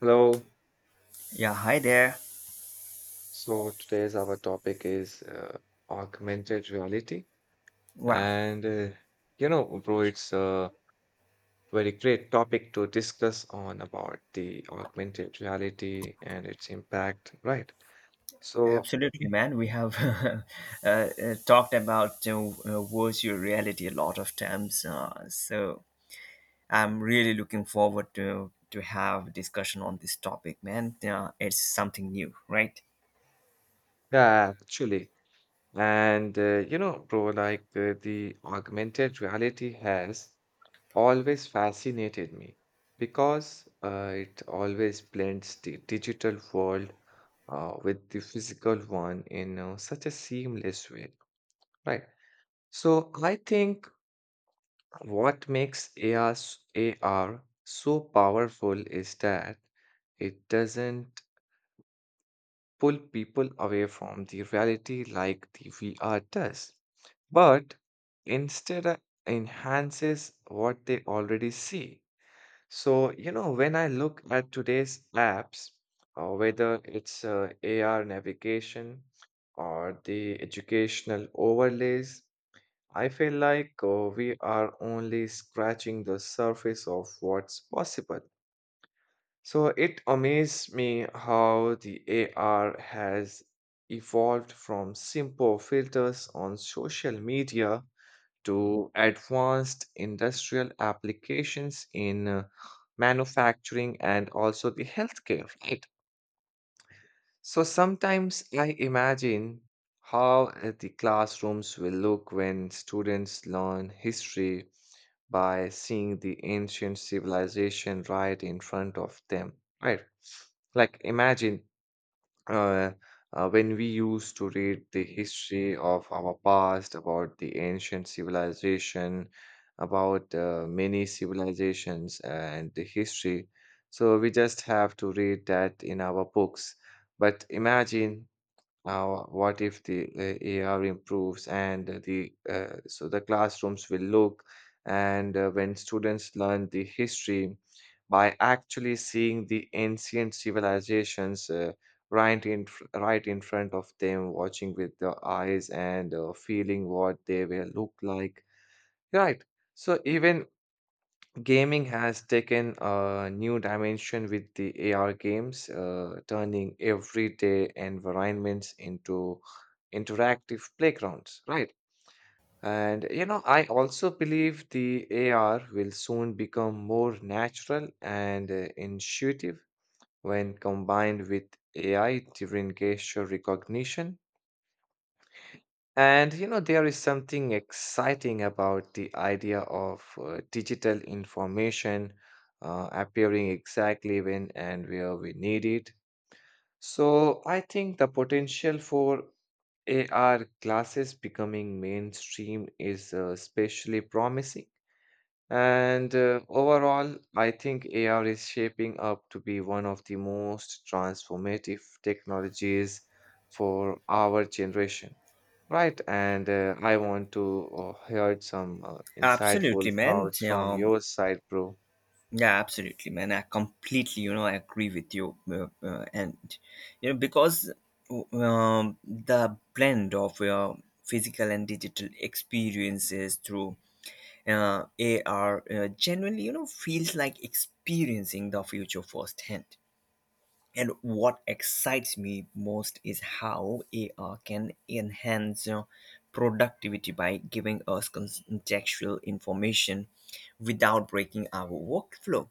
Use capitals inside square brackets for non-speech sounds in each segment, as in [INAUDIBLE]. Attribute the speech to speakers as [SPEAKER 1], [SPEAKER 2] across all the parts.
[SPEAKER 1] Hello.
[SPEAKER 2] Yeah, hi there.
[SPEAKER 1] So today's our topic is augmented reality,
[SPEAKER 2] Wow,
[SPEAKER 1] and you know, bro, it's a very great topic to discuss on about the augmented reality and its impact, right? So
[SPEAKER 2] absolutely,
[SPEAKER 1] Mm.
[SPEAKER 2] man. We have [LAUGHS] talked about virtual reality a lot of times, so I'm really looking forward to have discussion on this topic, man. It's something new, right?
[SPEAKER 1] yeah, actually, and you know, bro, like the augmented reality has always fascinated me because it always blends the digital world with the physical one in such a seamless way, right? So I think what makes AR so powerful is that it doesn't pull people away from the reality like the VR does, but instead enhances what they already see. So, you know, when I look at today's apps, whether it's AR navigation or the educational overlays, I feel like we are only scratching the surface of what's possible. So it amazes me how the AR has evolved from simple filters on social media to advanced industrial applications in manufacturing and also the healthcare, right? So sometimes I imagine how the classrooms will look when students learn history by seeing the ancient civilization right in front of them, right? Like imagine uh, when we used to read the history of our past, about the ancient civilization, about many civilizations and the history. So we just have to read that in our books. But imagine now, what if the AR improves and the so the classrooms will look and when students learn the history by actually seeing the ancient civilizations right in front of them, watching with their eyes and feeling what they will look like. Right. So even gaming has taken a new dimension with the AR games, turning everyday environments into interactive playgrounds, right? And you know, I also believe the AR will soon become more natural and intuitive when combined with AI driven gesture recognition, and you know, there is something exciting about the idea of digital information appearing exactly when and where we need it. So, I think the potential for AR glasses becoming mainstream is especially promising. And overall, I think AR is shaping up to be one of the most transformative technologies for our generation. Right, and I want to hear some
[SPEAKER 2] Absolutely,
[SPEAKER 1] insightful
[SPEAKER 2] man.
[SPEAKER 1] thoughts from
[SPEAKER 2] Yeah,
[SPEAKER 1] your side, bro.
[SPEAKER 2] yeah, absolutely, man. I completely, you know, agree with you, and you know, because the blend of physical and digital experiences through uh, AR genuinely, you know, feels like experiencing the future firsthand. And what excites me most is how AR can enhance productivity by giving us contextual information without breaking our workflow.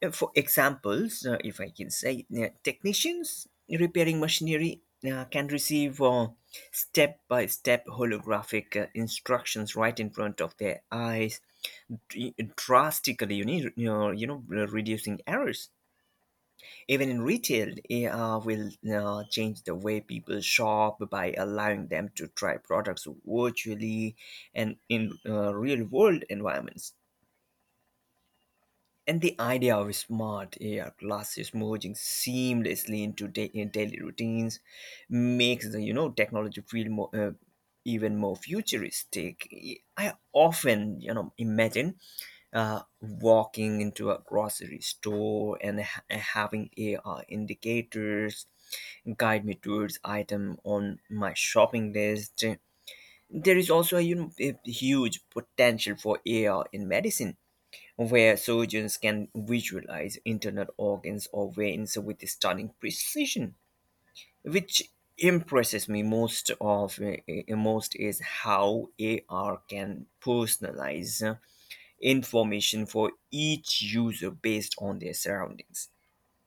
[SPEAKER 2] For examples, if I can say, technicians repairing machinery can receive step by step holographic instructions right in front of their eyes, drastically you need you know reducing errors. Even in retail, AR will change the way people shop by allowing them to try products virtually and in real world environments. And the idea of smart AR glasses merging seamlessly in daily routines makes the, you know, technology feel more even more futuristic. I often, you know, imagine walking into a grocery store and having AR indicators guide me towards item on my shopping list. There is also, a, you know, a huge potential for AR in medicine, where surgeons can visualize internal organs or veins with stunning precision. Which impresses me most is how AR can personalize information for each user based on their surroundings,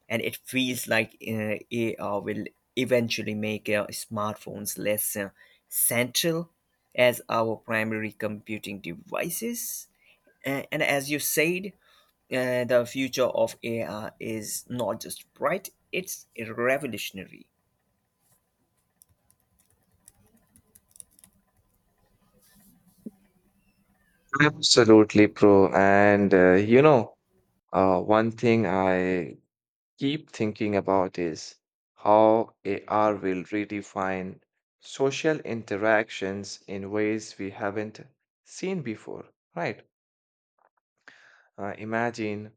[SPEAKER 2] and it feels like AR will eventually make smartphones less central as our primary computing devices. And as you said, the future of AR is not just bright, it's revolutionary.
[SPEAKER 1] Absolutely, bro. And you know, one thing I keep thinking about is how AR will redefine social interactions in ways we haven't seen before, right? Imagine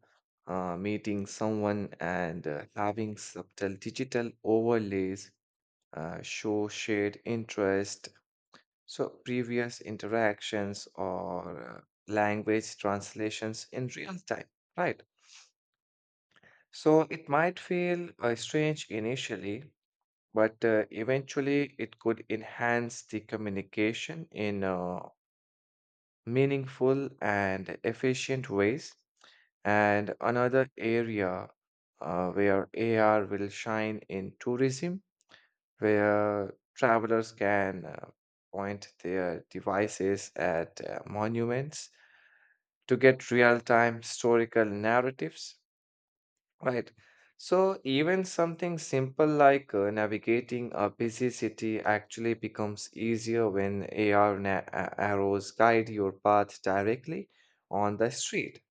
[SPEAKER 1] meeting someone and having subtle digital overlays show shared interest, so previous interactions or language translations in real time, right? So it might feel strange initially, but eventually it could enhance the communication in meaningful and efficient ways. And another area where AR will shine in tourism, where travelers can point their devices at monuments to get real time historical narratives. Right. So even something simple like navigating a busy city actually becomes easier when arrows guide your path directly on the street.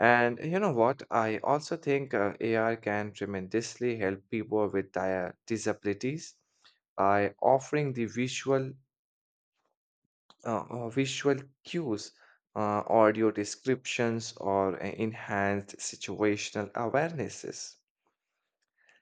[SPEAKER 1] And you know what? I also think AR can tremendously help people with disabilities by offering the visual visual cues, audio descriptions, or enhanced situational awarenesses.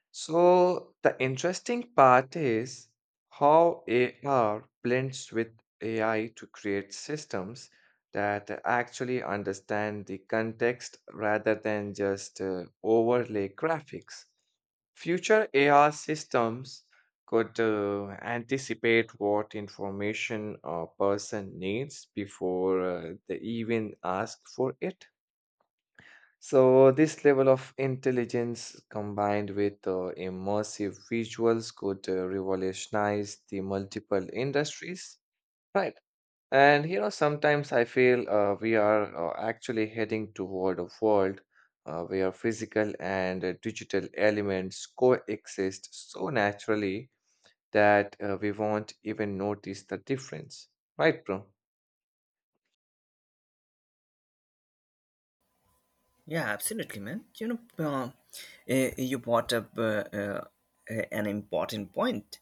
[SPEAKER 1] So, the interesting part is how AR blends with AI to create systems that actually understand the context rather than just overlay graphics. Future AR systems could anticipate what information a person needs before they even ask for it, so this level of intelligence combined with immersive visuals could revolutionize the multiple industries, right? And you know, sometimes I feel we are actually heading toward a world where physical and digital elements coexist so naturally that we won't even notice the difference, right, bro?
[SPEAKER 2] Yeah, absolutely, man. You know, you brought up an important point.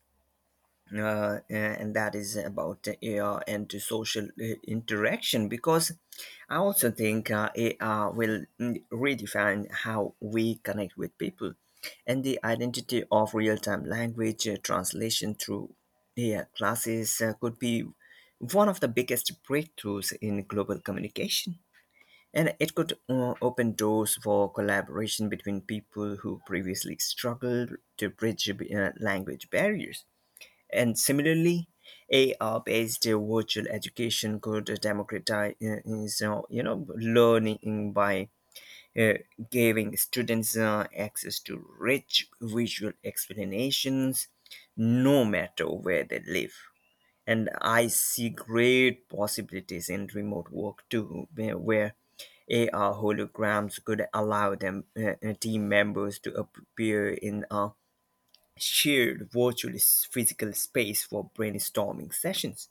[SPEAKER 2] And that is about AR and to social interaction, because I also think AR will, mm, redefine how we connect with people. And the identity of real time language translation through AI classes could be one of the biggest breakthroughs in global communication. And it could open doors for collaboration between people who previously struggled to bridge language barriers. And similarly, AR-based virtual education could democratize, so, you know, learning by uh, giving students access to rich visual explanations, no matter where they live. And I see great possibilities in remote work too, where AR holograms could allow them team members to appear in a shared physical space for brainstorming sessions.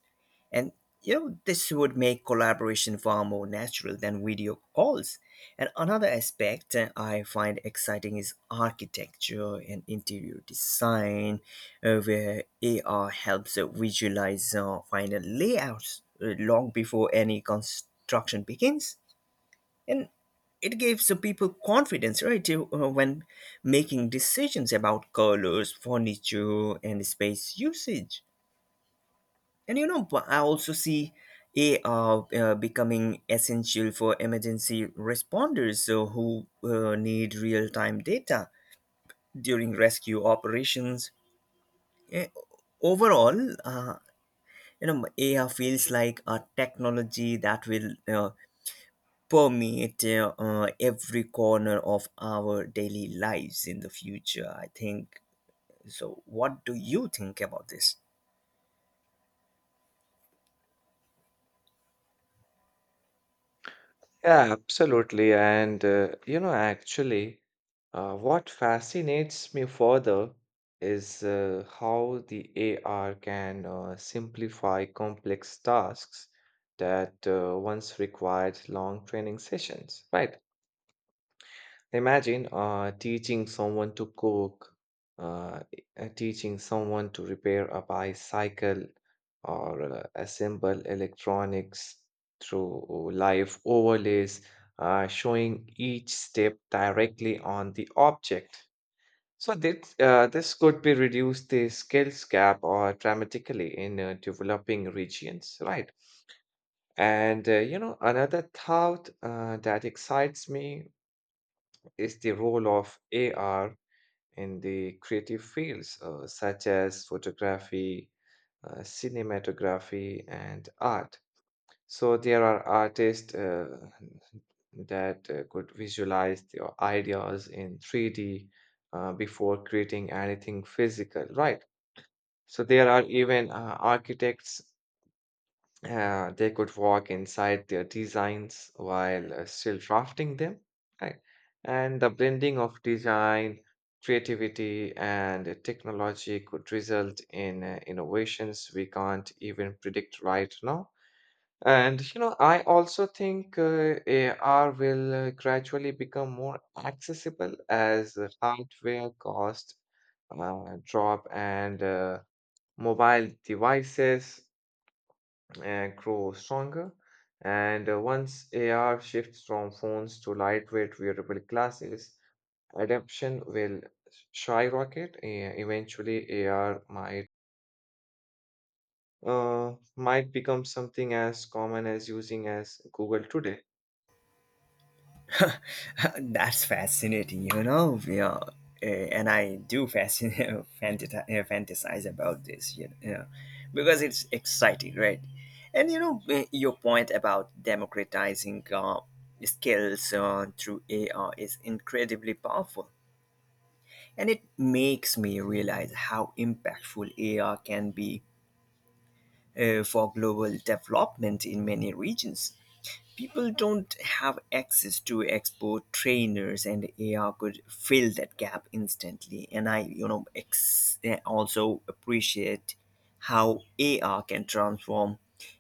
[SPEAKER 2] And you know, this would make collaboration far more natural than video calls. And another aspect I find exciting is architecture and interior design, where AR helps visualize final layouts long before any construction begins, and it gives the people confidence when making decisions about colors, furniture and space usage. And you know, but I also see AR becoming essential for emergency responders, who need real-time data during rescue operations. Eh, Overall, uh, you know, AR feels like a technology that will permeate every corner of our daily lives in the future, I think. So what do you think about this?
[SPEAKER 1] Yeah, absolutely. And, you know, actually, what fascinates me further is how the AR can simplify complex tasks that once required long training sessions, right? Imagine teaching someone to cook, uh, teaching someone to repair a bicycle, or assemble electronics through live overlays, showing each step directly on the object. So this could be reduce the skills gap or dramatically in developing regions, right? And you know, another thought that excites me is the role of AR in the creative fields such as photography, cinematography, and art. So there are artists that could visualize their ideas in 3D before creating anything physical, right? So there are even architects they could walk inside their designs while still drafting them, right? And the blending of design, creativity, and technology could result in innovations we can't even predict right now. And you know, I also think AR will gradually become more accessible as the hardware cost drop and mobile devices grow stronger. And once AR shifts from phones to lightweight wearable glasses, adoption will skyrocket. Eventually, AR might become something as common as using as Google today.
[SPEAKER 2] [LAUGHS] That's fascinating, you know. Yeah. And I do [LAUGHS] fantasize about this, you know. Yeah, because it's exciting, right? And you know, your point about democratizing skills through AR is incredibly powerful, and it makes me realize how impactful AR can be for global development. In many regions, people don't have access to expert trainers, and AR could fill that gap instantly. And I, you know, also appreciate how AR can transform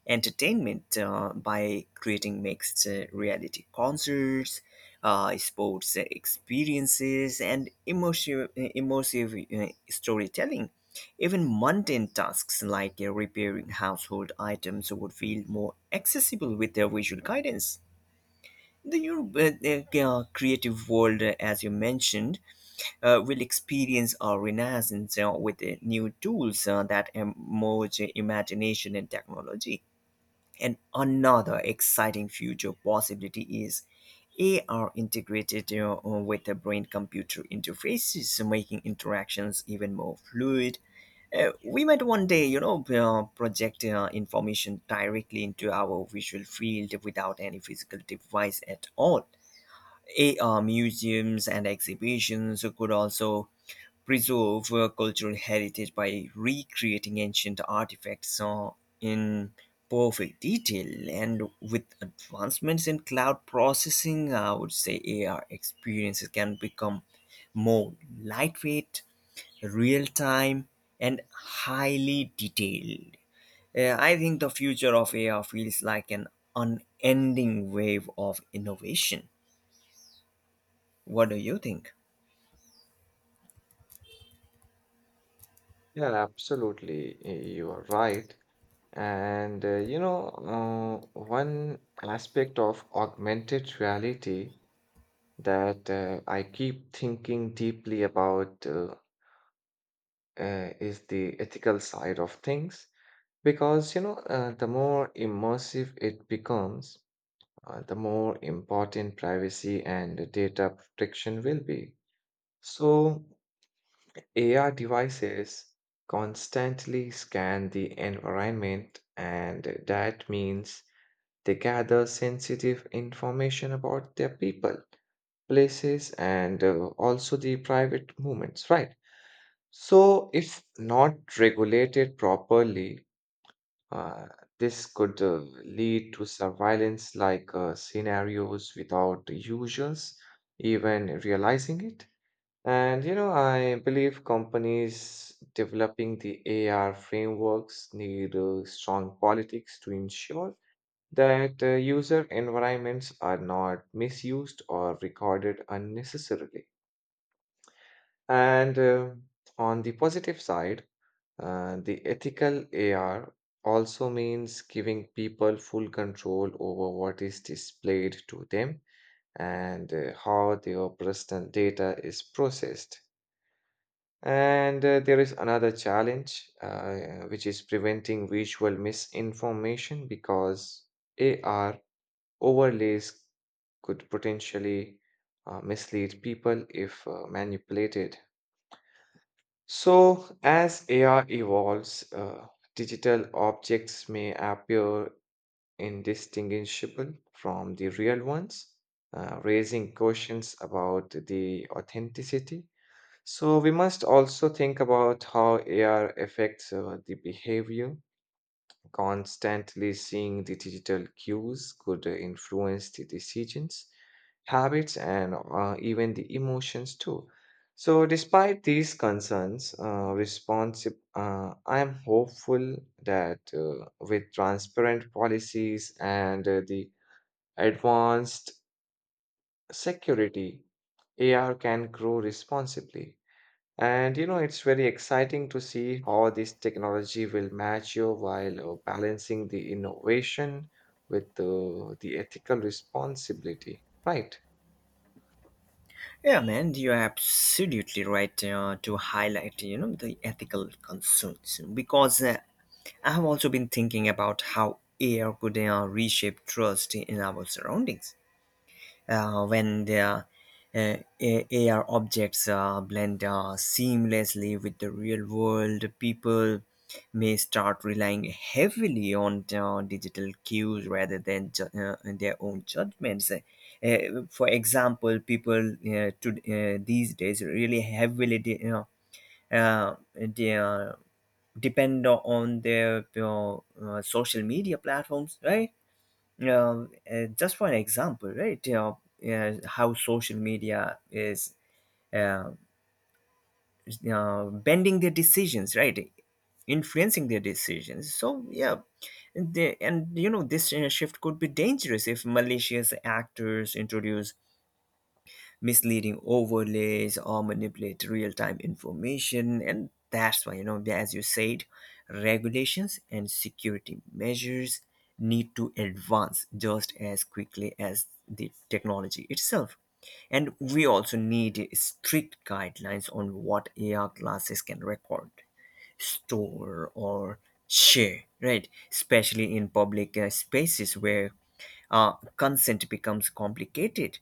[SPEAKER 2] entertainment by creating mixed reality concerts, sports experiences and immersive storytelling. Even mundane tasks like repairing household items would feel more accessible with their visual guidance. The your creative world, as you mentioned, will experience a renaissance with new tools that merge imagination and technology. And another exciting future possibility is AR integrated with the brain computer interfaces, making interactions even more fluid. We might one day, you know, project information directly into our visual field without any physical device at all. AR museums and exhibitions could also preserve cultural heritage by recreating ancient artifacts in perfect detail. And with advancements in cloud processing, I would say AR experiences can become more lightweight, real-time, and highly detailed. I think the future of AR feels like an unending wave of innovation. What do you think?
[SPEAKER 1] Yeah, absolutely, you are right. And you know, one aspect of augmented reality that I keep thinking deeply about is the ethical side of things, because you know the more immersive it becomes, the more important privacy and data protection will be. So AR devices constantly scan the environment, and that means they gather sensitive information about their people, places, and also the private movements, right? So if not regulated properly, Uh, this could lead to surveillance like scenarios without the users even realizing it. And you know, I believe companies developing the AR frameworks need strong politics to ensure that user environments are not misused or recorded unnecessarily. And on the positive side, the ethical AR also means giving people full control over what is displayed to them and how their personal data is processed. And there is another challenge, which is preventing visual misinformation, because AR overlays could potentially mislead people if manipulated. So, as AR evolves, digital objects may appear indistinguishable from the real ones, raising questions about the authenticity. So, we must also think about how AR affects the behavior. Constantly seeing the digital cues could influence the decisions, habits, and even the emotions too. So, despite these concerns, I am hopeful that with transparent policies and the advanced security, AR can grow responsibly. And you know, it's very exciting to see how this technology will mature while balancing the innovation with the ethical responsibility, right?
[SPEAKER 2] Yeah, man, you're absolutely right to highlight, you know, the ethical concerns, because I have also been thinking about how AI could reshape trust in our surroundings. When AR objects blend seamlessly with the real world, people may start relying heavily on digital cues rather than their own judgments. For example, these days really heavily you know, uh, they, uh, depend on their you social media platforms, right? uh, just one example, right? You know, how social media is, uh, you know, bending their decisions, right? Influencing their decisions. So yeah. And you know, this shift could be dangerous if malicious actors introduce misleading overlays or manipulate real-time information. And that's why, you know, as you said, regulations and security measures need to advance just as quickly as the technology itself. And we also need strict guidelines on what AR glasses can record, store, or share, right? Especially in public spaces where consent becomes complicated.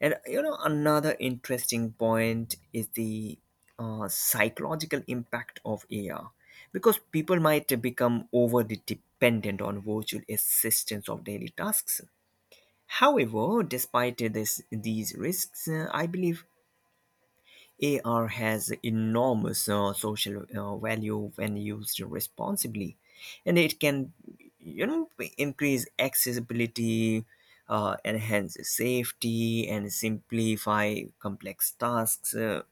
[SPEAKER 2] And you know, another interesting point is the psychological impact of AR, because people might become overly dependent on virtual assistance of daily tasks. However, despite this these risks, I believe AR has enormous social value when used responsibly, and it can, you know, increase accessibility, enhance safety, and simplify complex tasks. uh,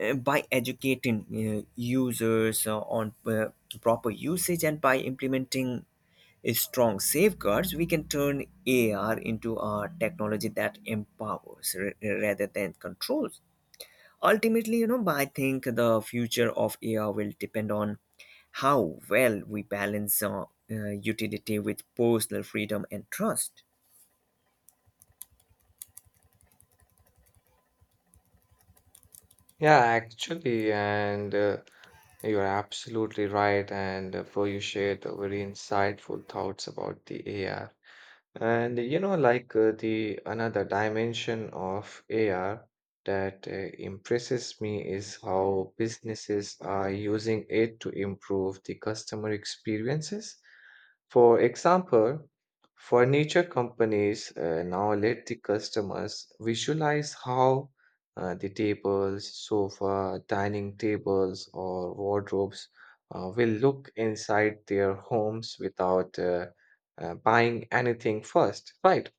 [SPEAKER 2] uh, By educating users on proper usage, and by implementing strong safeguards, we can turn AR into a technology that empowers, rather than controls. Ultimately, you know, but I think the future of AI will depend on how well we balance utility with personal freedom and trust.
[SPEAKER 1] Yeah, actually, and you're absolutely right. And for you shared the very insightful thoughts about the AR. And you know, like the another dimension of AR that impresses me is how businesses are using it to improve the customer experiences. For example, furniture companies now let the customers visualize how the tables, sofa, dining tables, or wardrobes will look inside their homes without buying anything first, right?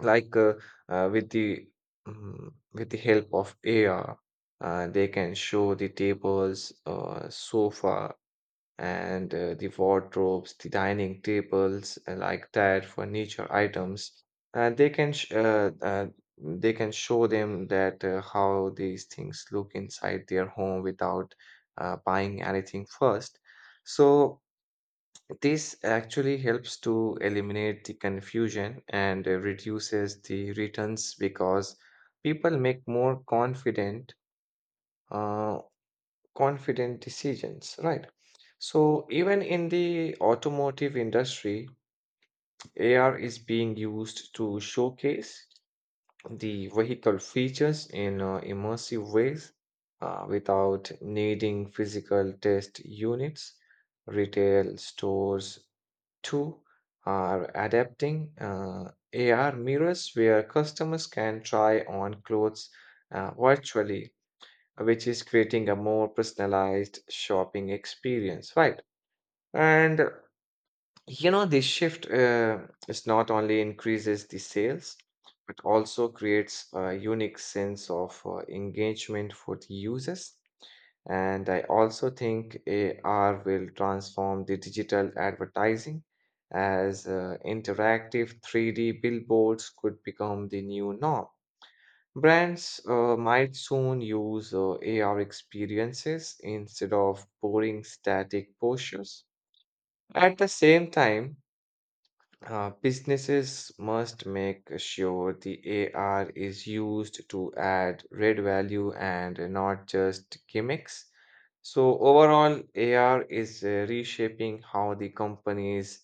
[SPEAKER 1] Like with the with the help of AR, they can show the tables, sofa, and the wardrobes, the dining tables, and like that furniture items. And they can show them that how these things look inside their home without buying anything first. So this actually helps to eliminate the confusion and reduces the returns because people make more uh, confident decisions, right? So even in the automotive industry, AR is being used to showcase the vehicle features in immersive ways without needing physical test units. Retail stores too are adapting AR mirrors where customers can try on clothes virtually, which is creating a more personalized shopping experience, right? And you know, this shift is not only increases the sales, but also creates a unique sense of engagement for the users. And I also think AR will transform the digital advertising as interactive 3D billboards could become the new norm. Brands might soon use AR experiences instead of boring static postures. At the same time, businesses must make sure the AR is used to add real value and not just gimmicks. So, overall, AR is reshaping how the companies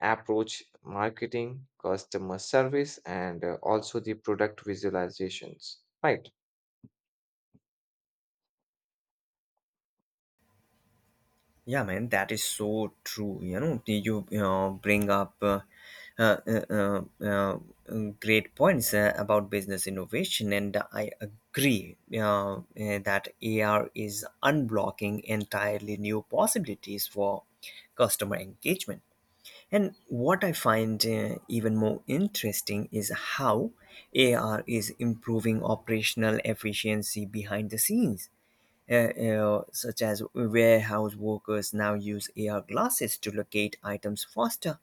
[SPEAKER 1] approach marketing, customer service, and also the product visualizations. Right.
[SPEAKER 2] Yeah, man, that is so true, you know. You bring up uh, uh, uh, great points about business innovation, and I agree that AR is unblocking entirely new possibilities for customer engagement. And what I find even more interesting is how AR is improving operational efficiency behind the scenes. Such as warehouse workers now use AR glasses to locate items faster,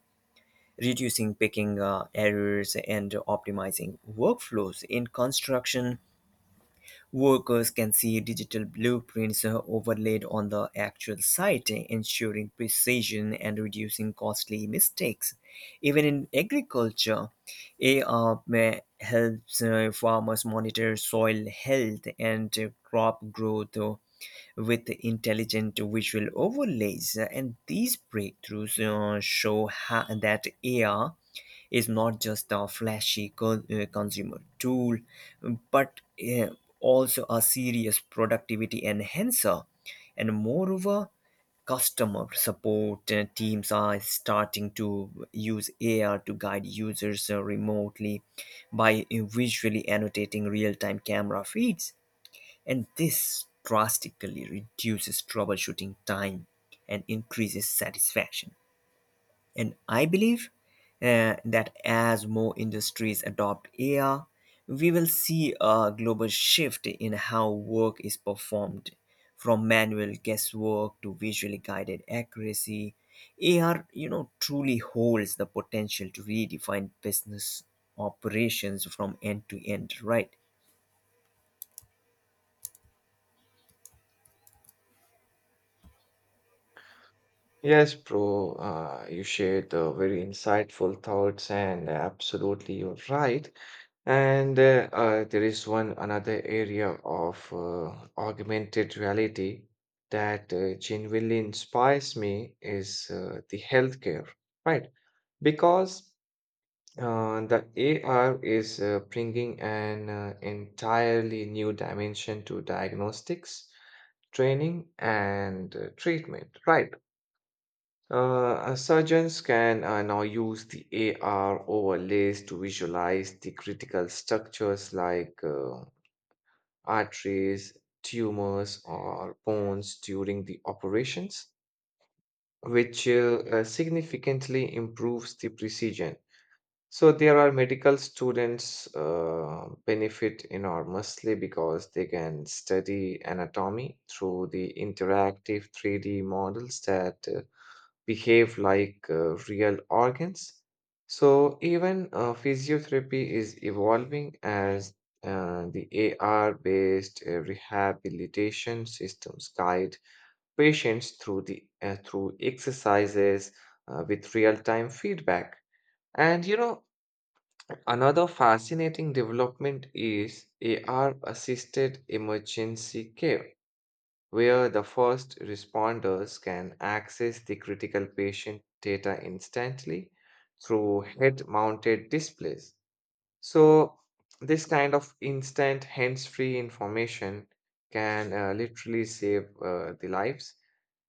[SPEAKER 2] reducing picking errors and optimizing workflows. In construction, workers can see digital blueprints overlaid on the actual site, ensuring precision and reducing costly mistakes. Even in agriculture, AR helps farmers monitor soil health and crop growth with intelligent visual overlays. And these breakthroughs show that AR is not just a flashy consumer tool, but also a serious productivity enhancer. And moreover, customer support teams are starting to use AR to guide users remotely by visually annotating real-time camera feeds, and this drastically reduces troubleshooting time and increases satisfaction. And I believe that as more industries adopt AI, we will see a global shift in how work is performed, from manual guesswork to visually guided accuracy. AR, you know, truly holds the potential to redefine business operations from end to end, right?
[SPEAKER 1] Yes, bro, you shared very insightful thoughts, and absolutely you're right. And there is one another area of augmented reality that genuinely inspires me is the healthcare, right? Because the AR is bringing an entirely new dimension to diagnostics, training, and treatment, right? Surgeons can now use the AR overlays to visualize the critical structures like arteries, tumors, or bones during the operations, which significantly improves the precision. So there are medical students benefit enormously because they can study anatomy through the interactive 3D models that behave like real organs. So even physiotherapy is evolving as the AR-based rehabilitation systems guide patients through the through exercises with real-time feedback. And you know, another fascinating development is AR-assisted emergency care where the first responders can access the critical patient data instantly through head mounted displays. So, this kind of instant hands-free information can literally save the lives,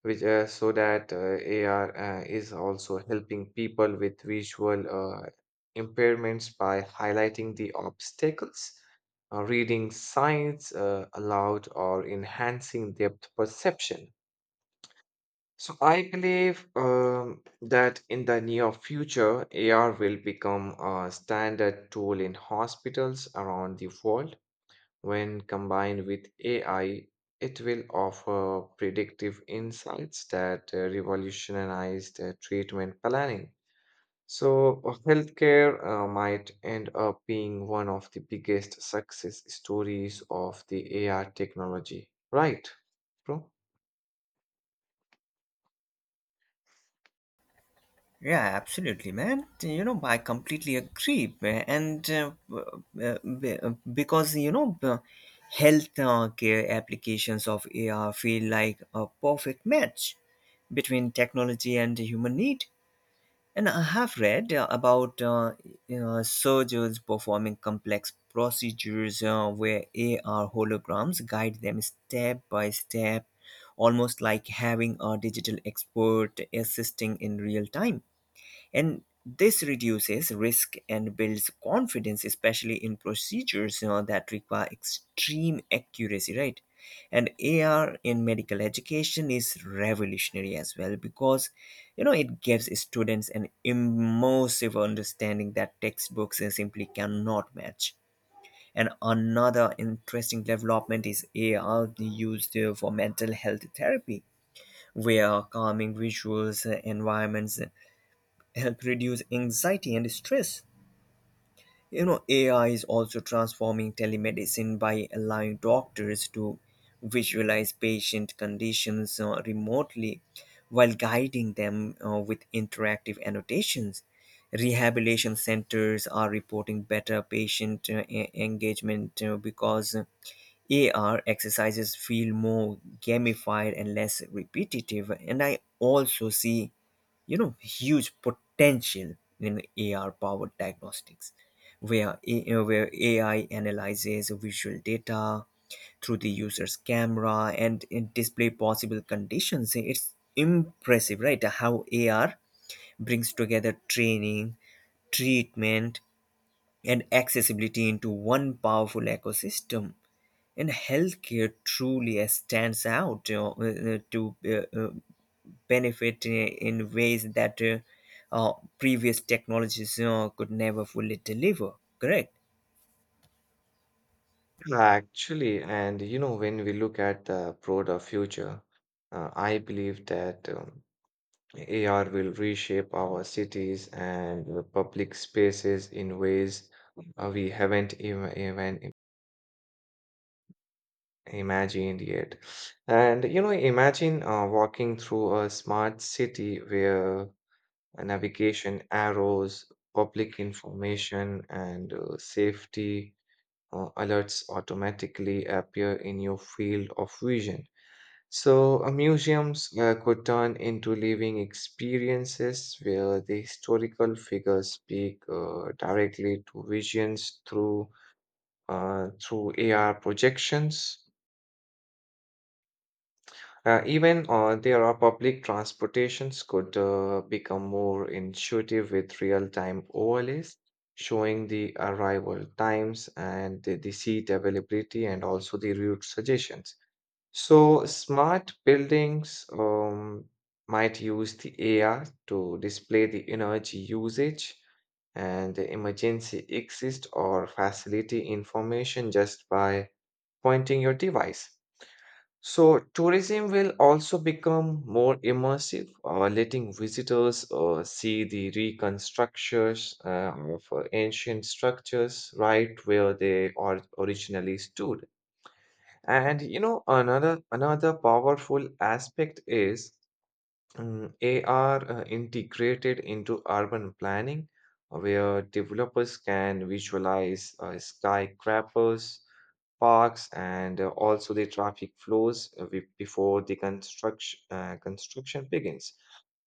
[SPEAKER 1] which so that AR is also helping people with visual uh, impairments by highlighting the obstacles, reading signs aloud, or enhancing depth perception. So I believe that in the near future, AR will become a standard tool in hospitals around the world. When combined with AI, it will offer predictive insights that revolutionize the treatment planning. So healthcare might end up being one of the biggest success stories of the AR technology, right, bro?
[SPEAKER 2] Yeah, absolutely, man. You know, I completely agree. And because, you know, the health care applications of AR feel like a perfect match between technology and human need. And I have read about you surgeons performing complex procedures where AR holograms guide them step by step, almost like having a digital expert assisting in real time, and this reduces risk and builds confidence, especially in procedures, you know, that require extreme accuracy, right? And AR in medical education is revolutionary as well, because you know, it gives students an immersive understanding that textbooks simply cannot match. And another interesting development is AR used for mental health therapy, where calming visuals, environments, help reduce anxiety and stress. You know, AI is also transforming telemedicine by allowing doctors to visualize patient conditions remotely while guiding them with interactive annotations. Rehabilitation centers are reporting better patient engagement because AR exercises feel more gamified and less repetitive. And I also see huge potential in AR powered diagnostics where AI analyzes visual data through the user's camera and display possible conditions. It's impressive, right, how AR brings together training, treatment, and accessibility into one powerful ecosystem, and healthcare truly stands out, you know, to benefit in ways that previous technologies could never fully deliver. Correct?
[SPEAKER 1] Actually, and you know, when we look at the broader future, I believe that AR will reshape our cities and public spaces in ways we haven't even imagined yet. And you know, imagine walking through a smart city where navigation arrows, public information, and safety alerts automatically appear in your field of vision. So, museums could turn into living experiences where the historical figures speak directly to visions through AR projections. Even there are public transportations could become more intuitive with real-time overlays, showing the arrival times and the seat availability and also the route suggestions. So smart buildings might use the AI to display the energy usage and the emergency exit or facility information just by pointing your device. So tourism will also become more immersive, letting visitors see the reconstructions of ancient structures right where they originally stood. And you know, another powerful aspect is AR integrated into urban planning, where developers can visualize skyscrapers, parks, and also the traffic flows before the construction begins.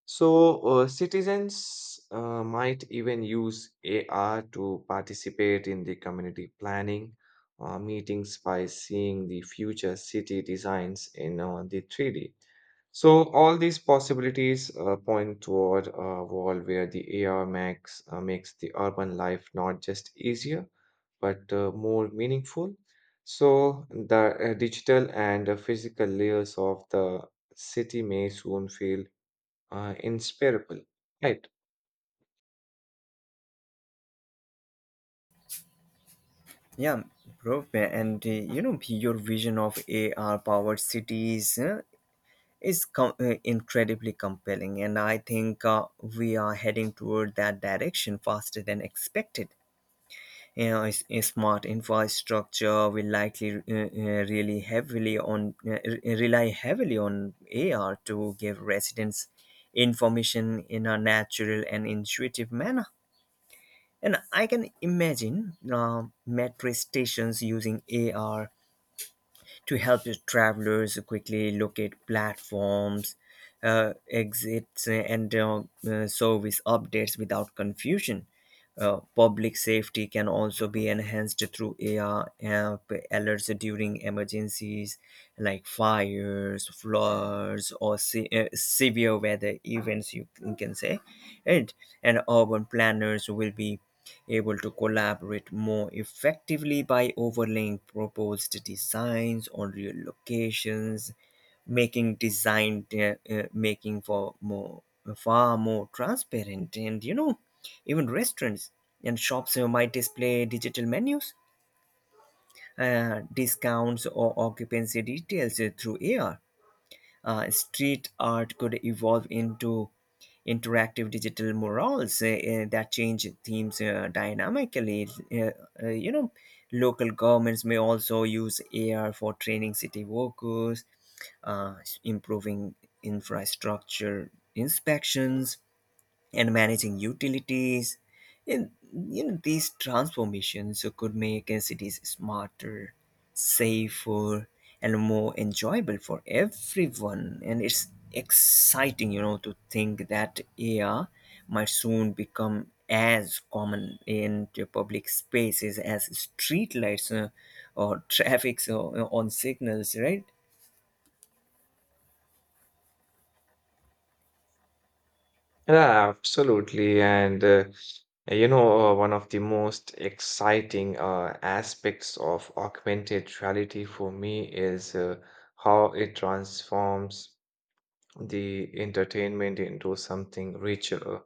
[SPEAKER 1] So, citizens might even use AR to participate in the community planning meetings by seeing the future city designs in the 3D. So, all these possibilities point toward a world where the AR makes the urban life not just easier, but more meaningful. So, the digital and physical layers of the city may soon feel inspirable. Right.
[SPEAKER 2] Yeah, bro. Your vision of AR powered cities is incredibly compelling, and I think we are heading toward that direction faster than expected. A smart infrastructure will likely really heavily on rely heavily on AR to give residents information in a natural and intuitive manner. And I can imagine metro stations using AR to help the travelers quickly locate platforms, exits, and service updates without confusion. Public safety can also be enhanced through AR app alerts during emergencies like fires, floods, or severe weather events, you can say. And, and urban planners will be able to collaborate more effectively by overlaying proposed designs on real locations, making design making for more far more transparent. And, you know, even restaurants and shops might display digital menus, discounts, or occupancy details through ar. Street art could evolve into interactive digital murals, that change themes dynamically. Uh, you know, Local governments may also use AR for training city workers, uh, improving infrastructure inspections and managing utilities. And, you know, these transformations could make cities smarter, safer, and more enjoyable for everyone. And it's exciting, you know, to think that AR might soon become as common in the public spaces as streetlights or [LAUGHS] traffic so, on signals, right?
[SPEAKER 1] Yeah, absolutely. And you know, one of the most exciting aspects of augmented reality for me is how it transforms the entertainment into something richer,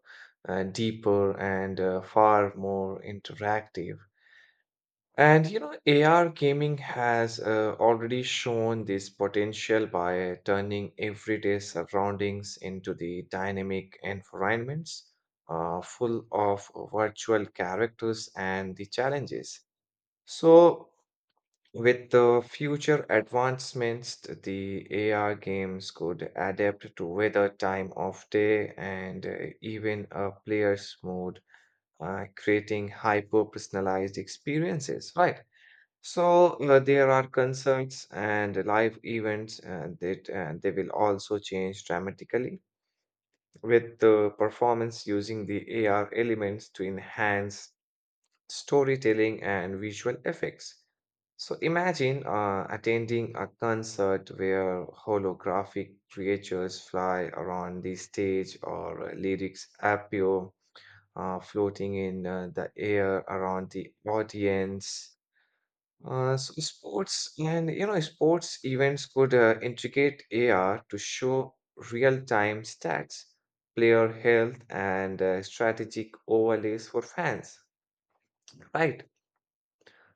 [SPEAKER 1] deeper, and far more interactive. And you know, AR gaming has already shown this potential by turning everyday surroundings into the dynamic environments full of virtual characters and the challenges. So, with the future advancements, the AR games could adapt to weather, time of day, and even a player's mood, creating hyper personalized experiences, right? So there are concerts and live events that they will also change dramatically with the performance using the AR elements to enhance storytelling and visual effects. So imagine attending a concert where holographic creatures fly around the stage or lyrics appear floating in the air around the audience. So sports and you know sports events could integrate AR to show real-time stats, player health, and strategic overlays for fans. Right?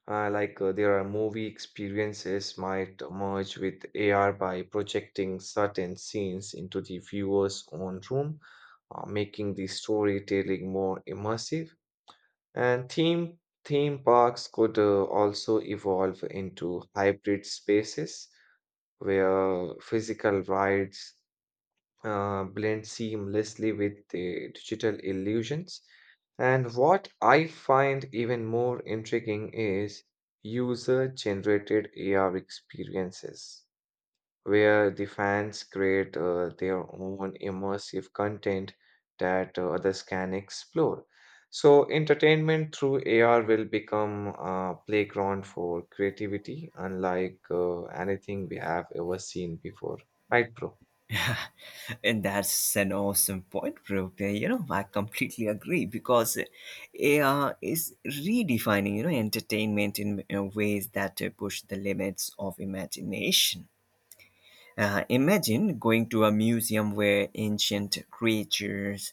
[SPEAKER 1] Like there are movie experiences might merge with AR by projecting certain scenes into the viewer's own room, making the storytelling more immersive. And theme parks could also evolve into hybrid spaces where physical rides blend seamlessly with the digital illusions. And what I find even more intriguing is user-generated AR experiences where the fans create their own immersive content that others can explore. So, entertainment through AR will become a playground for creativity, unlike anything we have ever seen before. Right, bro?
[SPEAKER 2] And that's an awesome point, bro. You know, I completely agree because AR is redefining, you know, entertainment in ways that push the limits of imagination. Imagine going to a museum where ancient creatures,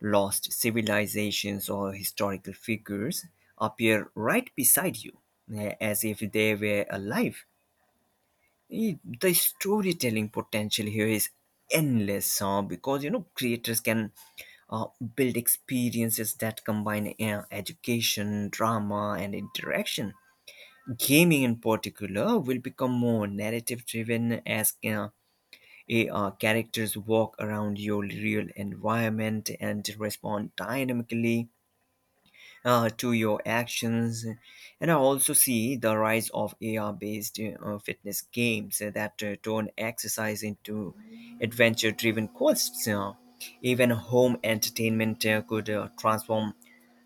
[SPEAKER 2] lost civilizations, or historical figures appear right beside you as if they were alive. The storytelling potential here is endless because, you know, creators can uh, build experiences that combine education, drama, and interaction. Gaming in particular will become more narrative driven as characters walk around your real environment and respond dynamically to your actions. And I also see the rise of AR based fitness games that turn exercise into adventure driven quests. Even home entertainment could transform,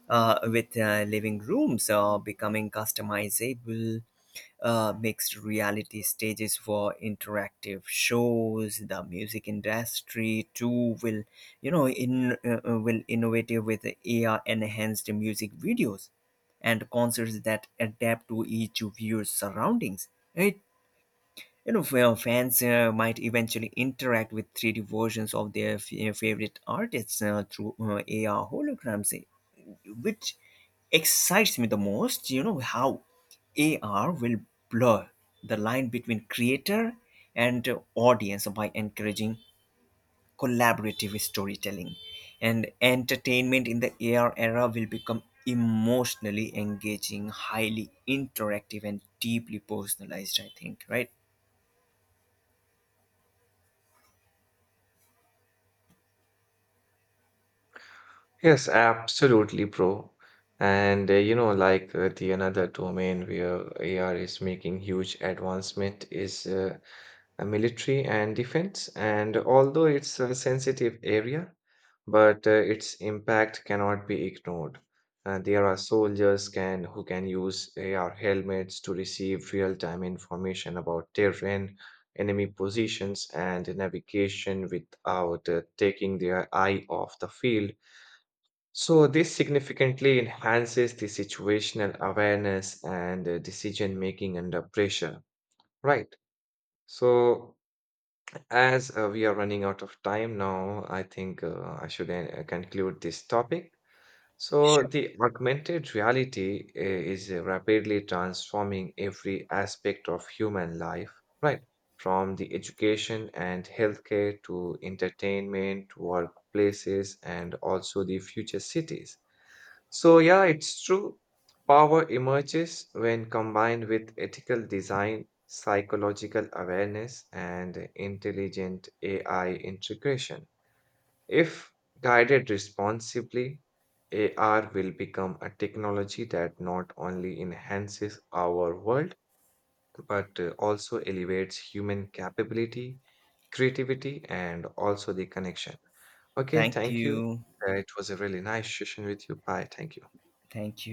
[SPEAKER 2] with living rooms becoming customizable mixed reality stages for interactive shows. The music industry too will, you know in will innovative with ar enhanced music videos and concerts that adapt to each viewer's surroundings. It you know, fa- Fans might eventually interact with 3D versions of their favorite artists through AR holograms, which excites me the most. You know how AR will blur the line between creator and audience by encouraging collaborative storytelling, and entertainment in the AR era will become emotionally engaging, highly interactive, and deeply personalized. I think, right?
[SPEAKER 1] Yes, absolutely, bro. And you know, like the another domain where AR is making huge advancement is military and defense. And although it's a sensitive area, but its impact cannot be ignored. There are soldiers can who can use AR helmets to receive real-time information about terrain, enemy positions, and navigation without taking their eye off the field. So this significantly enhances the situational awareness and decision making under pressure, right? So as we are running out of time now, I think I should conclude this topic. So,
[SPEAKER 2] Sure.
[SPEAKER 1] the augmented reality is rapidly transforming every aspect of human life, right? From the education and healthcare to entertainment, workplaces, and also the future cities. So, yeah, it's true. Power emerges when combined with ethical design, psychological awareness, and intelligent AI integration. If guided responsibly, AR will become a technology that not only enhances our world but also elevates human capability, creativity, and also the connection. Okay,
[SPEAKER 2] Thank
[SPEAKER 1] thank you.
[SPEAKER 2] you.
[SPEAKER 1] It was a really nice session with you. Bye. Thank you.
[SPEAKER 2] Thank you.